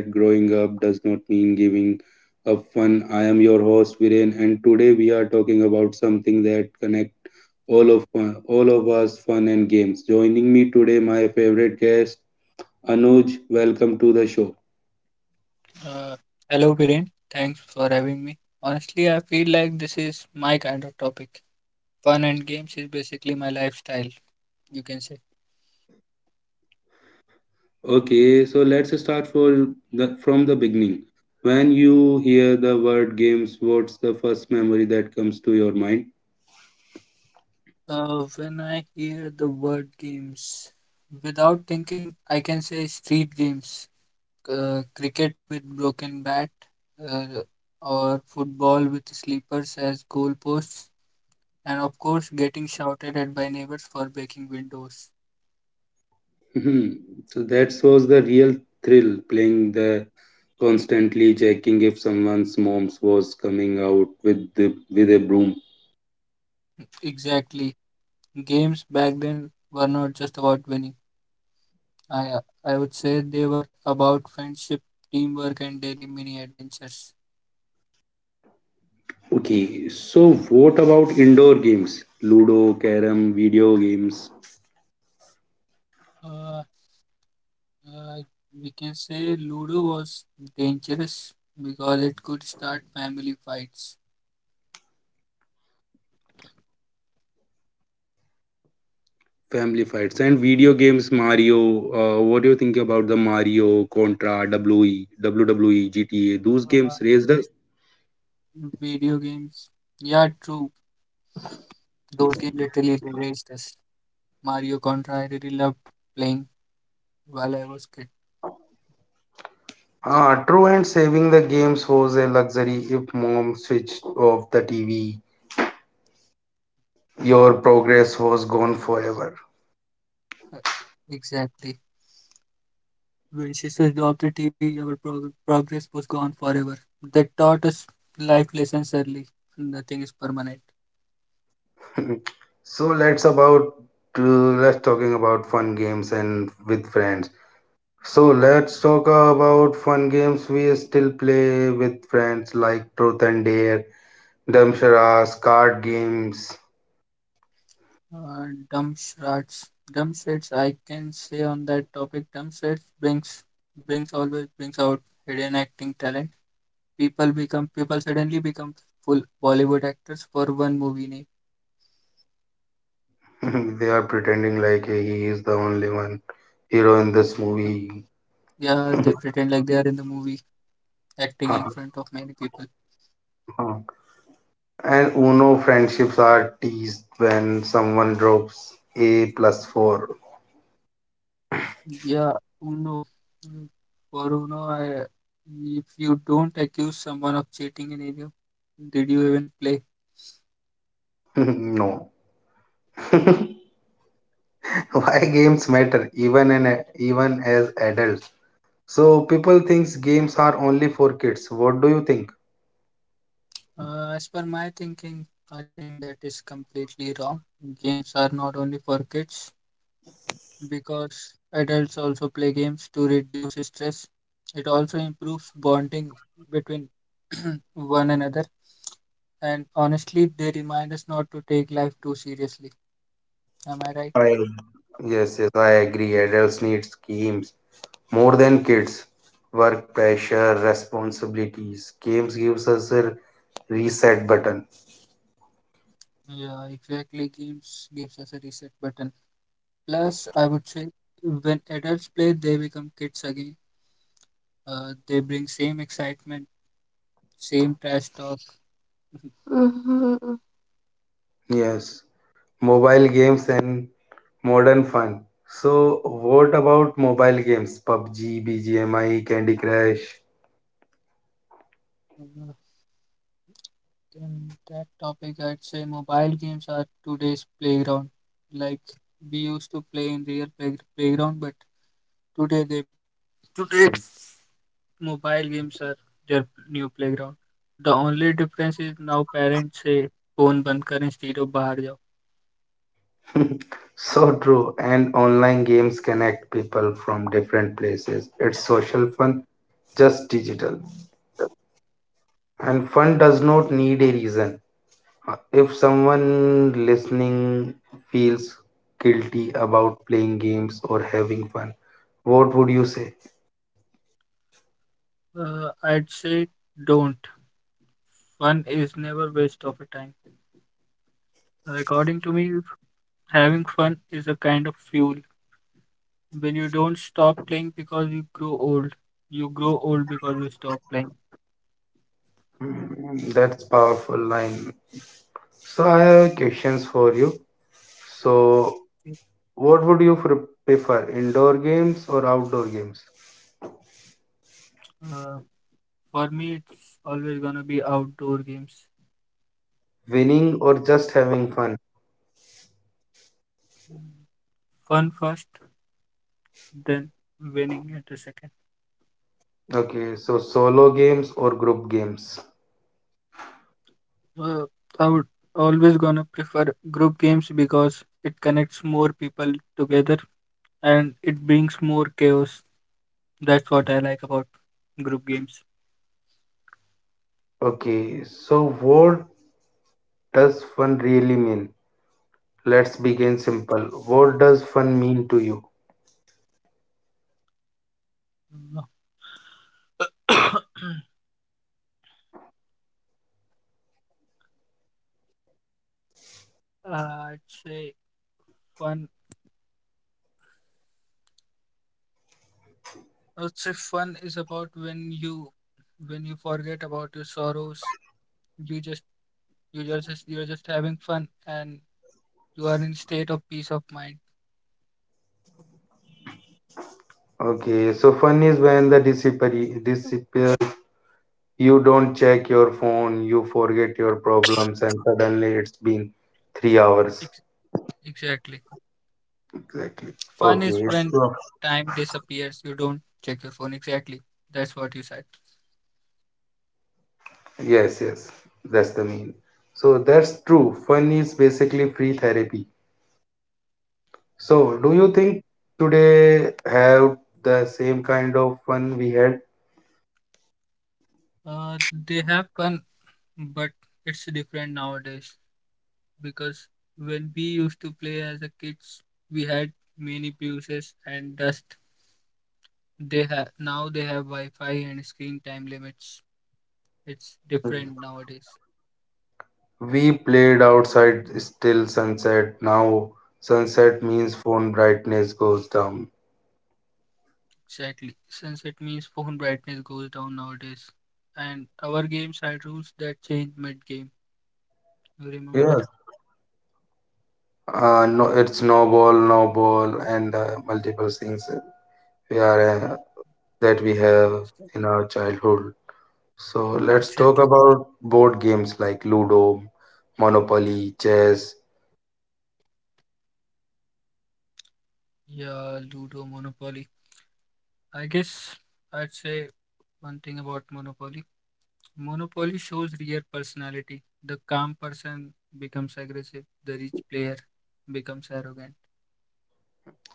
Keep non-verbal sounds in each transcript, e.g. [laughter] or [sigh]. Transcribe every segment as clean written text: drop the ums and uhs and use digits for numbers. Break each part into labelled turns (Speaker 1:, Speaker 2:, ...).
Speaker 1: That growing up does not mean giving up fun. I am your host Viren, and today we are talking about something that connect all of all of us: fun and games. Joining me today, my favorite guest Anuj. Welcome to the show.
Speaker 2: Uh, Hello, Viren. Thanks for having me. Honestly, I feel like this is my kind of topic. Fun and games is basically my lifestyle, you can say.
Speaker 1: Okay, so let's start for the, from the beginning. When you hear the word games, what's the first memory that comes to your mind?
Speaker 2: When I hear the word games, without thinking, I can say street games, cricket with broken bat, uh, or football with sleepers as goalposts, and of course, getting shouted at by neighbors for breaking windows.
Speaker 1: Mhm. So that was the real thrill, playing the constantly checking if someone's mom's was coming out with the with a broom.
Speaker 2: Exactly. Games back then were not just about winning. I I would say they were about friendship, teamwork, and daily mini adventures.
Speaker 1: Okay, so what about indoor games? Ludo, carom, video games,
Speaker 2: Uh, uh, we can say Ludo was dangerous because it could start family fights.
Speaker 1: family fights, and video games Mario. What do you think about the Mario, Contra, W E, WWE, GTA? Those
Speaker 2: Uh,
Speaker 1: games raised us.
Speaker 2: Video games, yeah, true. Those games literally raised us. Mario Contra, I really loved playing while I was kid.
Speaker 1: Ah, true, and saving the games was a luxury. If mom switched off the TV, your progress was gone forever.
Speaker 2: Uh, Exactly. When she switched off the TV, our progress was gone forever. That taught us life lessons early. Nothing is permanent.
Speaker 1: [laughs] so let's about let's talking about fun games and with friends. So let's talk about fun games we still play with friends like Truth and Dare, Damsharas, card games.
Speaker 2: Dumb Dumpstrats. I can say on that topic, dumb Dumpstrats brings brings always brings out hidden acting talent. People suddenly become full Bollywood actors for one movie name.
Speaker 1: [laughs] They are pretending like, hey, he is the only one hero in this movie.
Speaker 2: Yeah, they pretend like they are in the movie, acting in front of many people.
Speaker 1: [laughs] And Uno friendships are teased when someone drops a plus four.
Speaker 2: Yeah, Uno. Mm. For Uno, I if you don't accuse someone of cheating in any of, did you even play?
Speaker 1: [laughs] No. [laughs] [laughs] Why games matter even as adults? So people thinks games are only for kids. What do you think?
Speaker 2: As per my thinking, I think that is completely wrong. Games are not only for kids because adults also play games to reduce stress. It also improves bonding between [clears throat] one another. And honestly, they remind us not to take life too seriously. Am I right?
Speaker 1: I Yes, yes, I agree. Adults need games more than kids. Work pressure, responsibilities, games gives us a reset button.
Speaker 2: Yeah, exactly. Games gives us a reset button. Plus, I would say when adults play, they become kids again. They bring same excitement, same trash talk. Mhm.
Speaker 1: Yes, mobile games and modern fun. So what about mobile games, pubg, bgmi, Candy Crush?
Speaker 2: In that topic, I'd say mobile games are today's playground. Like we used to play in real playground, but today they today mobile games are their new playground. The only difference is now parents say phone बंद करें सीधे बाहर जाओ.
Speaker 1: [laughs] So true. And online games connect people from different places. It's social fun, just digital. And fun does not need a reason. If someone listening feels guilty about playing games or having fun, what would you say?
Speaker 2: I'd say don't. Fun is never waste of a time. According to me, having fun is a kind of fuel. When you don't stop playing because you grow old because you stop playing.
Speaker 1: Mm, that's powerful line. So I have questions for you. So what would you prefer, indoor games or outdoor games?
Speaker 2: Uh, for me, it's always gonna be outdoor games.
Speaker 1: Winning or just having fun?
Speaker 2: Fun first, then winning at the second.
Speaker 1: Okay, so solo games or group games?
Speaker 2: Uh, I would always gonna prefer group games because it connects more people together and it brings more chaos. That's what I like about group games.
Speaker 1: Okay, so what does fun really mean? Let's begin simple. What does fun mean to you?
Speaker 2: Uh, [coughs] I'd say fun I'd say fun is about when you forget about your sorrows. You just you're just having fun and you are in state of peace of mind.
Speaker 1: Okay, so fun is when the disappear. You don't check your phone, you forget your problems, and suddenly it's been 3 hours.
Speaker 2: Ex- exactly.
Speaker 1: Exactly.
Speaker 2: Fun is
Speaker 1: Okay,
Speaker 2: when
Speaker 1: so
Speaker 2: time disappears. You don't check your phone. Exactly. That's what you said.
Speaker 1: yes, yes, that's the mean. So that's true. Fun is basically free therapy. So, do you think today have the same kind of fun we had?
Speaker 2: Uh, they have fun, but it's different nowadays because when we used to play as a kids, we had many bruises and dust. They have now they have Wi-Fi and screen time limits. It's different nowadays.
Speaker 1: We played outside till sunset. Now, sunset means phone brightness goes down.
Speaker 2: Exactly. Sunset means phone brightness goes down nowadays. And our games had rules that change mid game. You remember?
Speaker 1: Yes. No, it's no ball, no ball, and multiple things we are that we have in our childhood. So let's talk
Speaker 2: Exactly.
Speaker 1: about board games like Ludo, Monopoly, chess,
Speaker 2: Yeah, Ludo, Monopoly. I guess I'd say one thing about Monopoly. Monopoly shows real personality. The calm person becomes aggressive, the rich player becomes arrogant.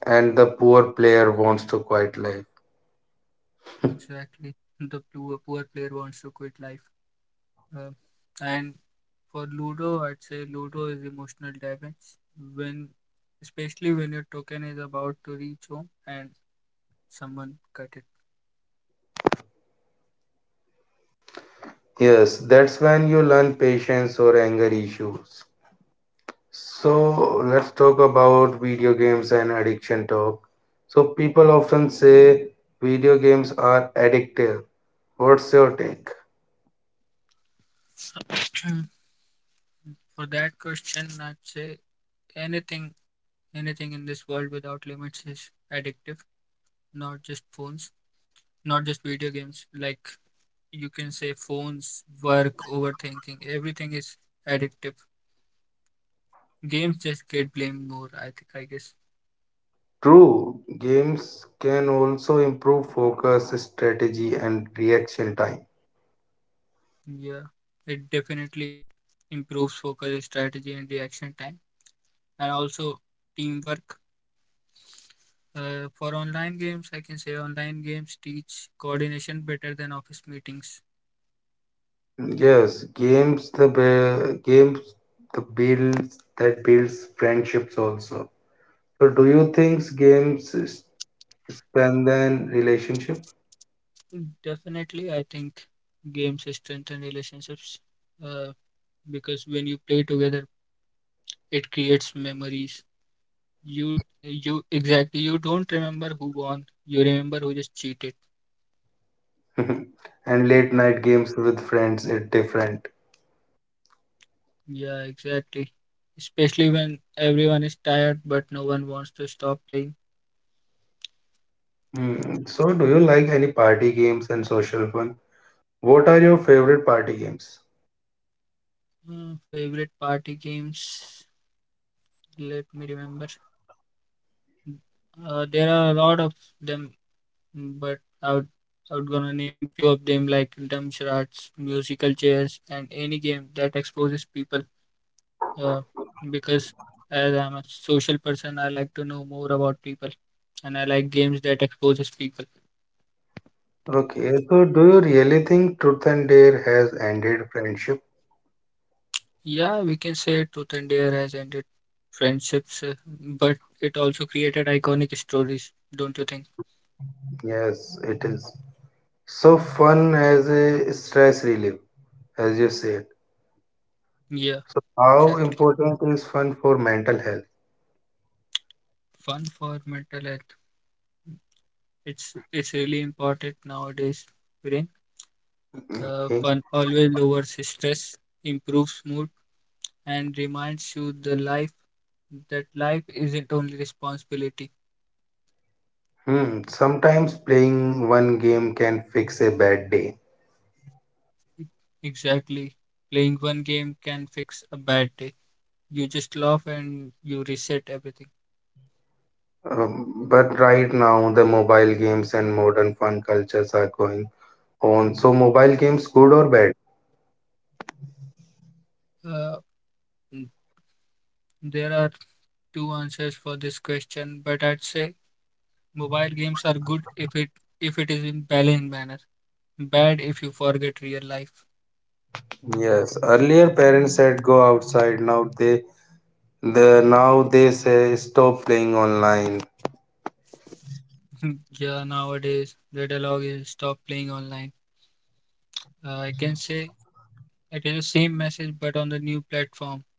Speaker 1: and the poor player wants to quiet life.
Speaker 2: Exactly. The poor, poor player wants to quit life. Uh, and For Ludo, I'd say Ludo is emotional damage when, especially when your token is about to reach home and someone cut it.
Speaker 1: Yes, that's when you learn patience or anger issues. So let's talk about video games and addiction talk. So people often say video games are addictive. What's your take?
Speaker 2: [clears throat] For that question, I'd say anything, anything in this world without limits is addictive. Not just phones, not just video games. Like you can say phones, work, overthinking, everything is addictive. Games just get blamed more, I think, I guess.
Speaker 1: True, games can also improve focus, strategy, and reaction time.
Speaker 2: Yeah, it definitely improves focus, strategy, and reaction time, and also teamwork. For online games, I can say online games teach coordination better than office meetings.
Speaker 1: Yes, games the be- games the builds that builds friendships also. So do you think games strengthen relationship?
Speaker 2: Definitely, I think games strengthen relationships, uh, because when you play together, it creates memories. You Exactly, you don't remember who won, you remember who just cheated.
Speaker 1: [laughs] And late night games with friends is different.
Speaker 2: Yeah, exactly. Especially when everyone is tired but no one wants to stop playing.
Speaker 1: Hmm, so do you like any party games and social fun? What are your favorite party games?
Speaker 2: Favorite party games? Let me remember. There are a lot of them, but I would gonna name few of them like dumb charades, musical chairs, and any game that exposes people. Uh, because as I'm a social person, I like to know more about people, and I like games that exposes people.
Speaker 1: Okay, so do you really think Truth and Dare has ended friendship?
Speaker 2: Yeah, we can say Truth and Dare has ended friendships, but it also created iconic stories, don't you think?
Speaker 1: Yes, it is. So, fun as a stress relief, as you said.
Speaker 2: Yeah,
Speaker 1: So, how
Speaker 2: exactly.
Speaker 1: important is fun for mental health?
Speaker 2: Fun for mental health. It's really important nowadays, Viren.
Speaker 1: Okay.
Speaker 2: Fun always lowers stress, improves mood, and reminds you the life that life isn't only responsibility.
Speaker 1: Hmm. Sometimes playing one game can fix a bad day.
Speaker 2: Exactly. Playing one game can fix a bad day. You just laugh and you reset everything.
Speaker 1: But right now, the mobile games and modern fun cultures are going on. So, mobile games, good or bad?
Speaker 2: Uh, There are two answers for this question, but I'd say mobile games are good if it is in balanced manner. Bad if you forget real life.
Speaker 1: Yes. Earlier, parents said go outside. Now they say stop playing online.
Speaker 2: [laughs] Yeah, nowadays the dialogue is stop playing online. I can say it is the same message but on the new platform.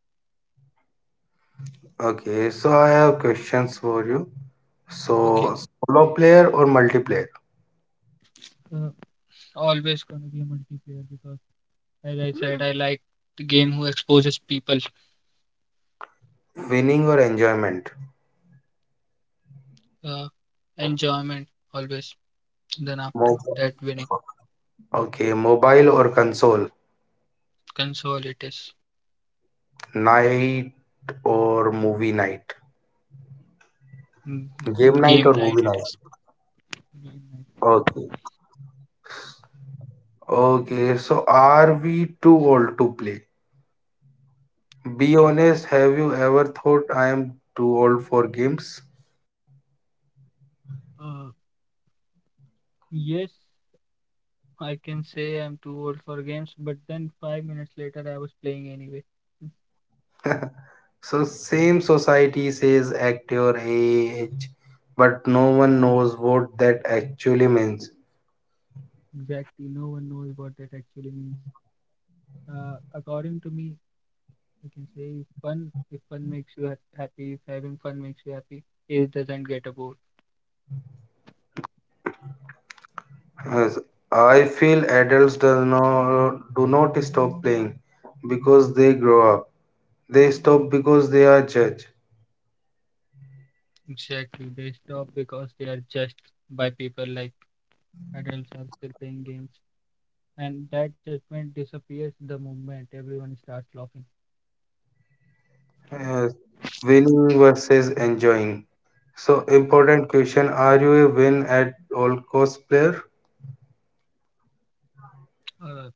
Speaker 1: Okay. So I have questions for you. So,
Speaker 2: Okay,
Speaker 1: solo player or multiplayer?
Speaker 2: uh, always gonna be a multiplayer because, as I said, I like the game who exposes people.
Speaker 1: Winning or enjoyment?
Speaker 2: Uh, Enjoyment always. Then after
Speaker 1: Mobile.
Speaker 2: that, winning.
Speaker 1: Okay, mobile or console?
Speaker 2: Console it is.
Speaker 1: Night or movie night?
Speaker 2: Mm.
Speaker 1: Game night or
Speaker 2: Game
Speaker 1: movie
Speaker 2: night, it
Speaker 1: night?
Speaker 2: is. Game night.
Speaker 1: Okay. Okay, so are we too old to play? Be honest, have you ever thought I am too old for games?
Speaker 2: Uh, yes, I can say I'm too old for games, but then 5 minutes later I was playing anyway.
Speaker 1: So, same society says act your age, but no one knows what that actually means.
Speaker 2: Exactly, no one knows what that actually means. According to me, I can say if fun makes you ha happy, if having fun makes you happy, it doesn't get a bored.
Speaker 1: Yes, I feel adults do not stop playing because they grow up. They stop because they are judged.
Speaker 2: Exactly, they stop because they are judged by people like adults are still playing games, and that judgment disappears the moment everyone starts laughing.
Speaker 1: Uh, Winning versus enjoying. So important question. Are you a win at all cost player?
Speaker 2: Uh,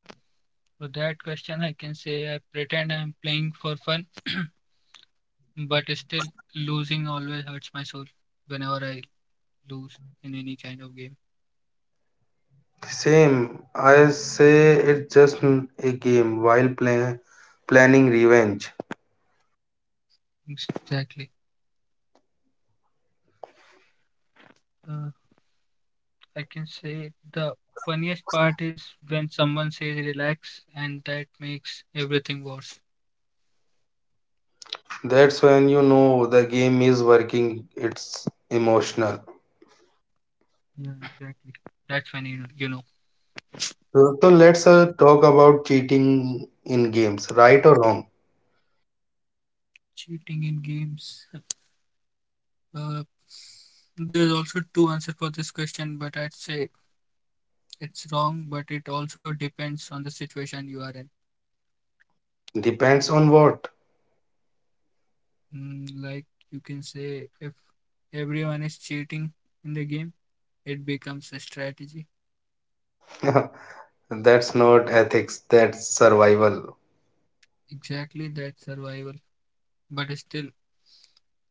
Speaker 2: For that question, I can say I pretend I'm playing for fun, [clears throat] but still losing always hurts my soul whenever I lose in any kind of game.
Speaker 1: Same. I say it's just a game while play, planning revenge.
Speaker 2: Exactly. Uh, I can say the funniest part is when someone says relax, and that makes everything worse.
Speaker 1: That's when you know the game is working. It's emotional.
Speaker 2: Yeah, exactly. That's when you know
Speaker 1: So let's talk about cheating in games. Right or wrong?
Speaker 2: cheating in games. Uh, there's also two answers for this question, but I'd say it's wrong. But it also depends on the situation you are in.
Speaker 1: Depends on what. [laughs]
Speaker 2: Mm, like you can say if everyone is cheating in the game, it becomes a strategy.
Speaker 1: That's not ethics. That's survival.
Speaker 2: Exactly, that survival. But still,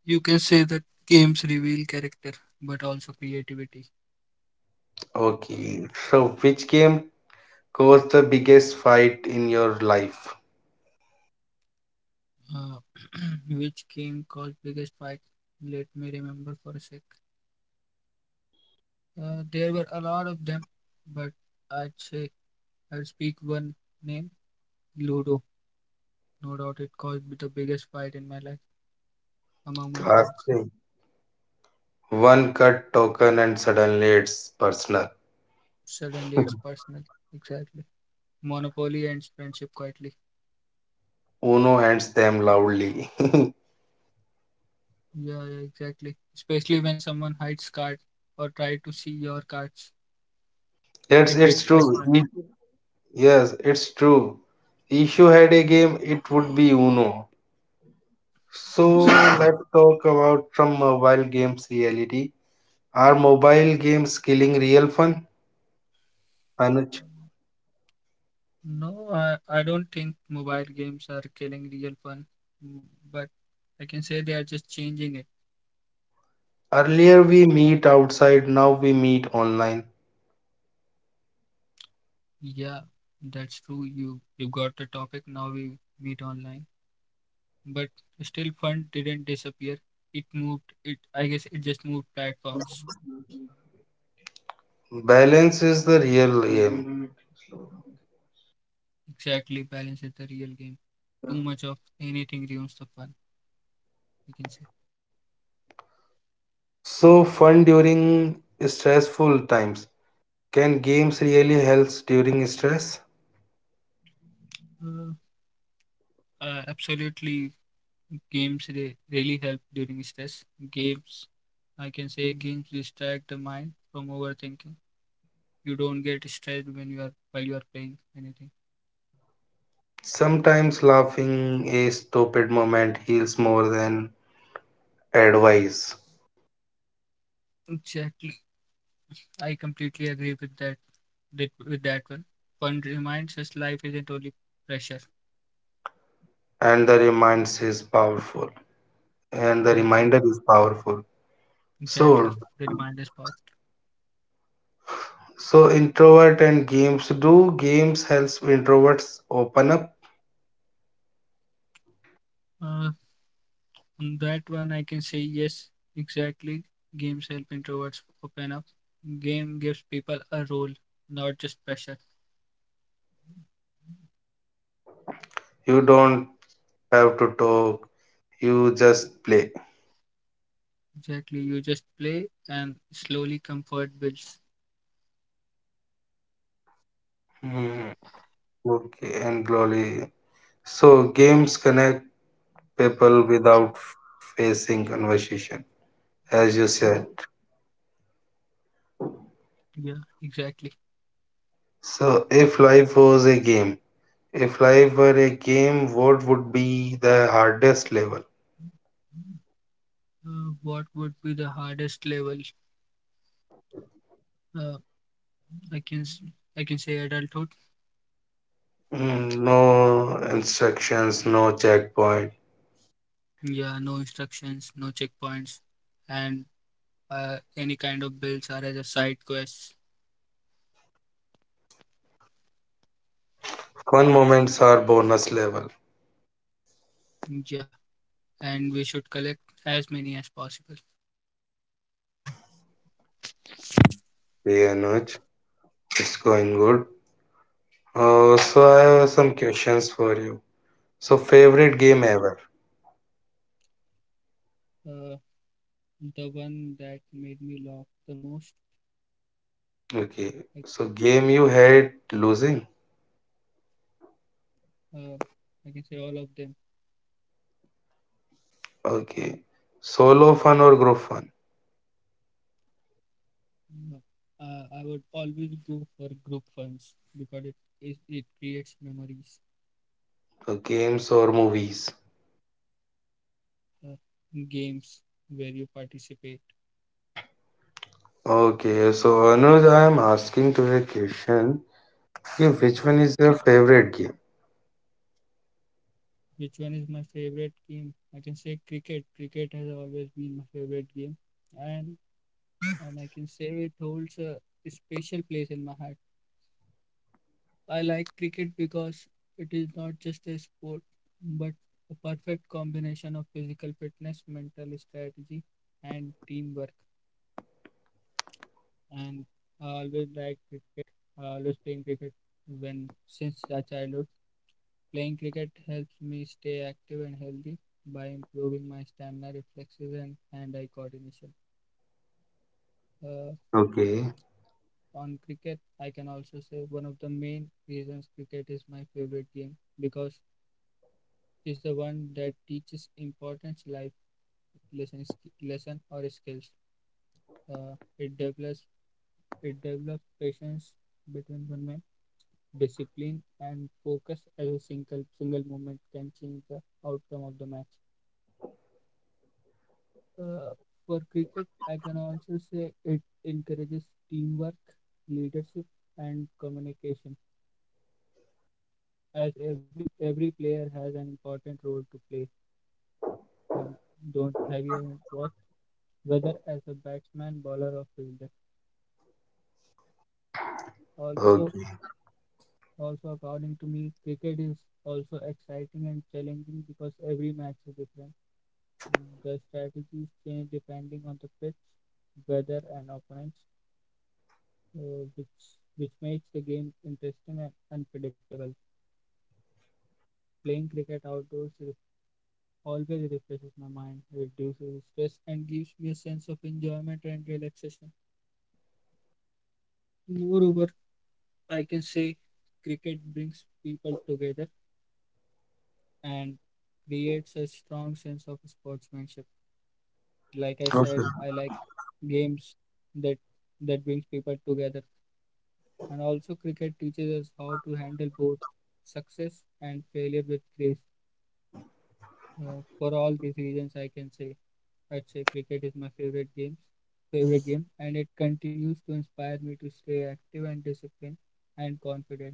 Speaker 2: you can say that games reveal character but also creativity.
Speaker 1: Okay. So which game cause the biggest fight in your life?
Speaker 2: uh, [clears throat] which game caused biggest fight? Let me remember for a sec. There were a lot of them, but i'd say I'd speak one name. Ludo, no doubt, it caused the biggest fight in my life among my
Speaker 1: Class
Speaker 2: friends.
Speaker 1: thing. One cut token and suddenly it's personal.
Speaker 2: Suddenly it's
Speaker 1: [laughs]
Speaker 2: personal. Exactly. Monopoly ends friendship quietly.
Speaker 1: Uno hands them loudly. [laughs]
Speaker 2: Yeah, yeah, exactly. Especially when someone hides cards or try to see your cards,
Speaker 1: Yes,
Speaker 2: it
Speaker 1: it's
Speaker 2: gets
Speaker 1: true.
Speaker 2: personal.
Speaker 1: If- Yes, it's true. If you had a game, it would be Uno. So [laughs]
Speaker 2: Exactly.
Speaker 1: let's talk about some mobile games reality. Are mobile games killing real fun, Anuj?
Speaker 2: No, I don't think mobile games are killing real fun, mm, but I can say they are just changing it.
Speaker 1: Earlier we meet outside, now we meet online.
Speaker 2: Yeah, that's true. You got the topic. Now we meet online, but still, fun didn't disappear. It moved. It I guess it just moved platforms.
Speaker 1: Balance is the real game.
Speaker 2: Exactly, balance is the real game. Too much of anything ruins the fun, we can say.
Speaker 1: So, fun during stressful times. Can games really help during stress?
Speaker 2: Uh, Absolutely, games really help during stress. Games, I can say, games distract the mind from overthinking. You don't get stressed when you are while you are playing anything.
Speaker 1: Sometimes laughing a stupid moment heals more than advice,
Speaker 2: Exactly, I completely agree with that. That with that one. Fun reminds us life isn't only pressure.
Speaker 1: and the reminds is powerful. And the
Speaker 2: Exactly,
Speaker 1: reminder is powerful. So,
Speaker 2: exactly. The reminder spot.
Speaker 1: so introvert and games. Do games help introverts open up?
Speaker 2: On that one, I can say yes, exactly. Games help introverts open up. Game gives people a role, not just pressure.
Speaker 1: You don't have to talk. You just play.
Speaker 2: Exactly. You just play and slowly comfort builds.
Speaker 1: Hmm, okay, and glory. So games connect people without facing conversation, as you said.
Speaker 2: Yeah, exactly.
Speaker 1: So, if life was a game, if life were a game, what would be the hardest level?
Speaker 2: What would be the hardest level? Uh, I can s- I can say adulthood.
Speaker 1: Mm, no instructions, no checkpoint.
Speaker 2: Yeah, no instructions, no checkpoints, and any kind of builds are as a side quest.
Speaker 1: Fun moments are bonus level.
Speaker 2: Yeah, and we should collect as many as possible.
Speaker 1: Yeah, Anuj, it's going good. So, I have some questions for you. So, favorite
Speaker 2: Okay.
Speaker 1: game ever?
Speaker 2: Uh, The one that made me laugh the most,
Speaker 1: Okay.
Speaker 2: like
Speaker 1: So, game you hate losing?
Speaker 2: uh, I can say all of them.
Speaker 1: Okay. Solo fun or group fun?
Speaker 2: Uh, I would always go for group funs because it creates memories,
Speaker 1: Games or movies?
Speaker 2: uh, games where you participate.
Speaker 1: Okay, so Anuj, I am asking to a question. Okay, which
Speaker 2: Okay,
Speaker 1: one is your favorite game?
Speaker 2: which one is my favorite game? I can say cricket. Cricket has always been my favorite game, and and I can say it holds a special place in my heart. I like cricket because it is not just a sport but a perfect combination of physical fitness, mental strategy, and teamwork. And I always like cricket. I always playing cricket when since a childhood. Playing cricket helps me stay active and healthy by improving my stamina, reflexes, and hand-eye coordination. Uh,
Speaker 1: Okay,
Speaker 2: on cricket, I can also say one of the main reasons cricket is my favorite game because is the one that teaches important life lessons, lesson or skills. Uh, it develops it develops patience between women, discipline and focus as a single moment can change the outcome of the match. Uh, for cricket, I can also say it encourages teamwork, leadership, and communication. As every player has an important role to play. Don't have you ever watched whether as a batsman, bowler, or fielder? Also,
Speaker 1: okay,
Speaker 2: according to me, cricket is also exciting and challenging because every match is different. Mm. The strategies change depending on the pitch, weather, and opponents, uh, which which makes the game interesting and unpredictable. Playing cricket outdoors always refreshes my mind, reduces stress, and gives me a sense of enjoyment and relaxation. Moreover, I can say cricket brings people together and creates a strong sense of sportsmanship. Like I said,
Speaker 1: okay.
Speaker 2: I like games that that brings people together. And also cricket teaches us how to handle both success and failure with grace. For all these reasons, I'd say cricket is my favorite game, and it continues to inspire me to stay active and disciplined and confident.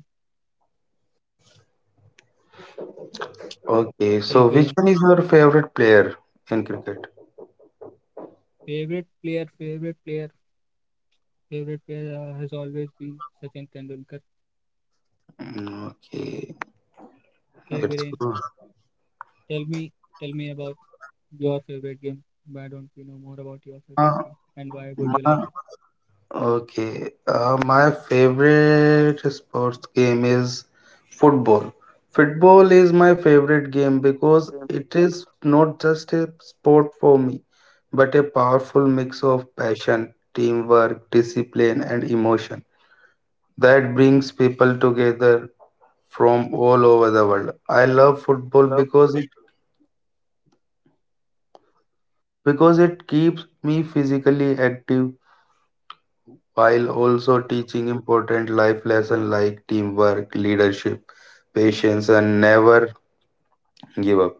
Speaker 1: Okay,
Speaker 2: Okay,
Speaker 1: so which
Speaker 2: Viren.
Speaker 1: one is your favorite player in cricket?
Speaker 2: Favorite player, favorite player, Favorite player has always been Sachin Tendulkar.
Speaker 1: Mm, okay,
Speaker 2: Okay,
Speaker 1: it's
Speaker 2: Viren.
Speaker 1: good.
Speaker 2: Tell me, Tell me about your favorite game. Why don't we know more about your favorite
Speaker 1: Uh,
Speaker 2: game and why would you like
Speaker 1: my,
Speaker 2: it?
Speaker 1: Okay, my favorite sports game is football. Football is my favorite game because it is not just a sport for me, but a powerful mix of passion, teamwork, discipline, and emotion that brings people together from all over the world. I love football
Speaker 2: मतलब
Speaker 1: because it keeps me physically active while also teaching important life lessons like teamwork, leadership, patience, and never give up.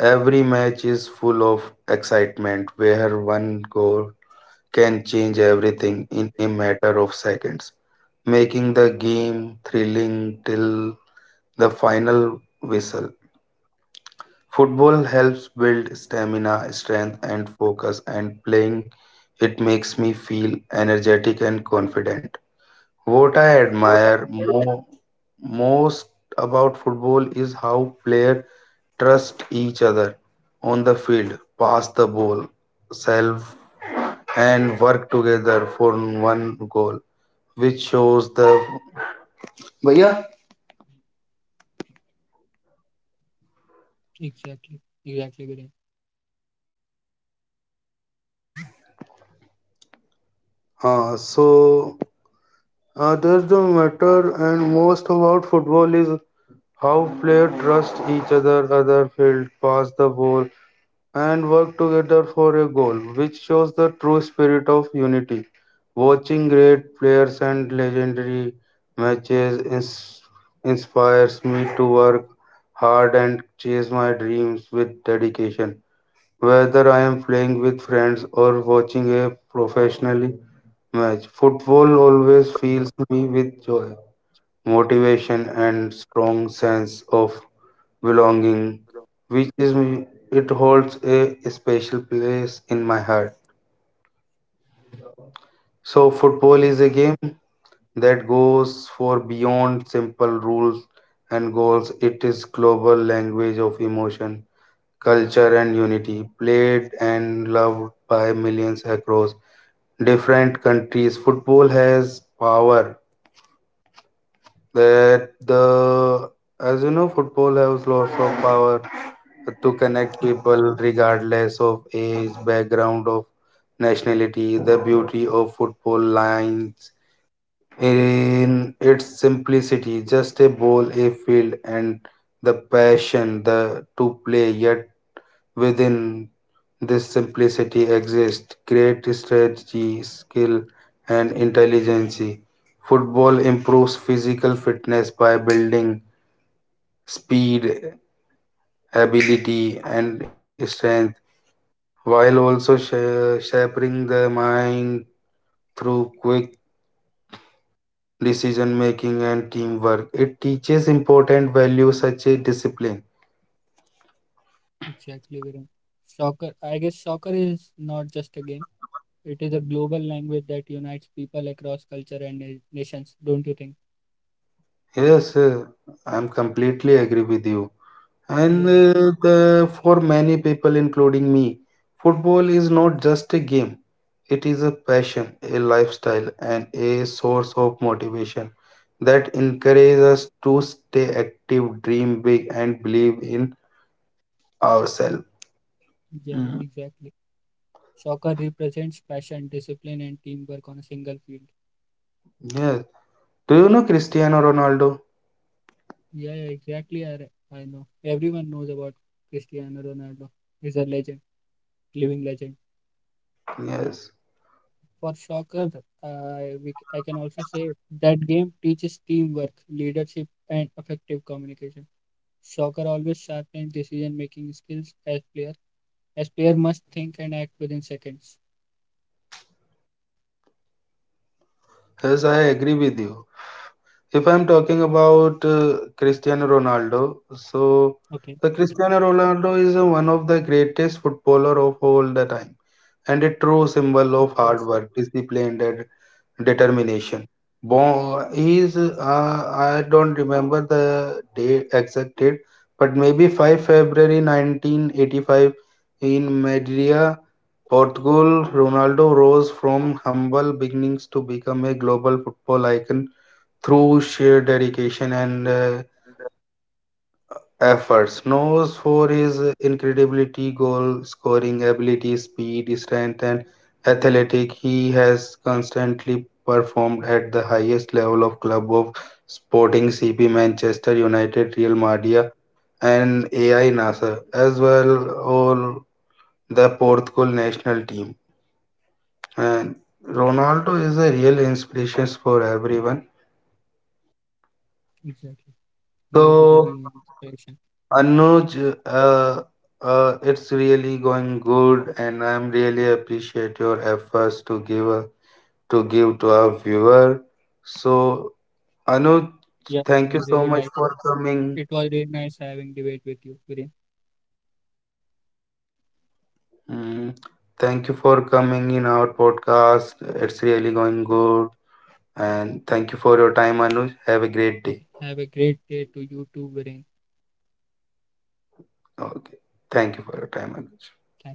Speaker 1: Every match is full of excitement where one goal can change everything in a matter of seconds, making the game thrilling till the final whistle. Football helps build stamina, strength, and focus, and playing it makes me feel energetic and confident. What I
Speaker 2: boat.
Speaker 1: admire most about football is how players trust each other on the field, pass the ball, self, and work together for one goal, which shows the. भैया
Speaker 2: Exactly, exactly, Viren.
Speaker 1: हाँ, so that's the matter and most about football is how players trust each other other field pass the ball and work together for a goal, which shows the true spirit of unity. Watching great players and legendary matches inspires me to work hard and chase my dreams with dedication. Whether I am playing with friends or watching a professionally match, football always fills me with joy, motivation, and strong sense of belonging,
Speaker 2: बोलो।
Speaker 1: which is it holds a special place in my heart. So football
Speaker 2: Uh,
Speaker 1: is a game that goes for beyond simple rules and goals. It is global language of emotion, culture, and unity, played and loved by millions across different countries. Football has power that the as you know, football has lots of power to connect
Speaker 2: e-
Speaker 1: people regardless of age, background of nationality. The beauty of football lines in its simplicity: just a ball, a field, and the passion the to play. Yet within this simplicity exists great strategy, skill, and intelligence. Football improves physical fitness by building speed, ability, and strength, while also shaping the mind through quick decision making and teamwork. It teaches important values such as discipline.
Speaker 2: exactly, Viren. Soccer, I guess soccer is not just a game. It is a global language that unites people across culture and nations, don't you think?
Speaker 1: Yes, I'm completely agree with you. And
Speaker 2: Yeah,
Speaker 1: for many people, including me, football is not just a game. It is a passion, a lifestyle, and a source of motivation that encourages us to stay active, dream big, and believe in ourselves.
Speaker 2: yeah,
Speaker 1: Mm,
Speaker 2: exactly. Soccer represents passion, discipline, and teamwork on a single field.
Speaker 1: yes. Do you know Cristiano Ronaldo?
Speaker 2: Yeah, yeah, exactly. I know. Everyone knows about Cristiano Ronaldo. He's a legend, living legend.
Speaker 1: Yes.
Speaker 2: For soccer, I can also say that game teaches teamwork, leadership, and effective communication. Soccer always sharpens decision-making skills as player must think and act within seconds.
Speaker 1: Yes, I agree with you. If I'm talking about Cristiano Ronaldo, so
Speaker 2: Okay,
Speaker 1: the Cristiano Ronaldo is one of the greatest footballer of all the time and a true
Speaker 2: of
Speaker 1: symbol of
Speaker 2: course,
Speaker 1: hard work, discipline, and determination. Bon, he is, I don't remember the date exact date, but maybe 5 February 1985 in Madeira, Portugal. Ronaldo rose from humble beginnings to become a global football icon through sheer dedication and efforts. Knows for his incredibility goal scoring ability, speed, strength, and athletic, he has constantly performed at the highest level of club of Sporting CP, Manchester United, Real Madrid, and AI Nasser, as well all the Portugal national team. And Ronaldo is a real inspiration for everyone.
Speaker 2: exactly. He is really
Speaker 1: So.
Speaker 2: an inspiration.
Speaker 1: Anuj, uh, it's really going good, and I'm really appreciate your efforts to give a, to give to our viewer. So, Anuj,
Speaker 2: Yeah,
Speaker 1: thank you so much for
Speaker 2: it
Speaker 1: coming.
Speaker 2: was really nice having debate with you, Viren.
Speaker 1: Mm, thank you for coming in our podcast. It's really going good, and thank you for your time, Anuj. Have a great day.
Speaker 2: Okay, have a great day to you too, Viren.
Speaker 1: Okay, thank you for your time,
Speaker 2: Thank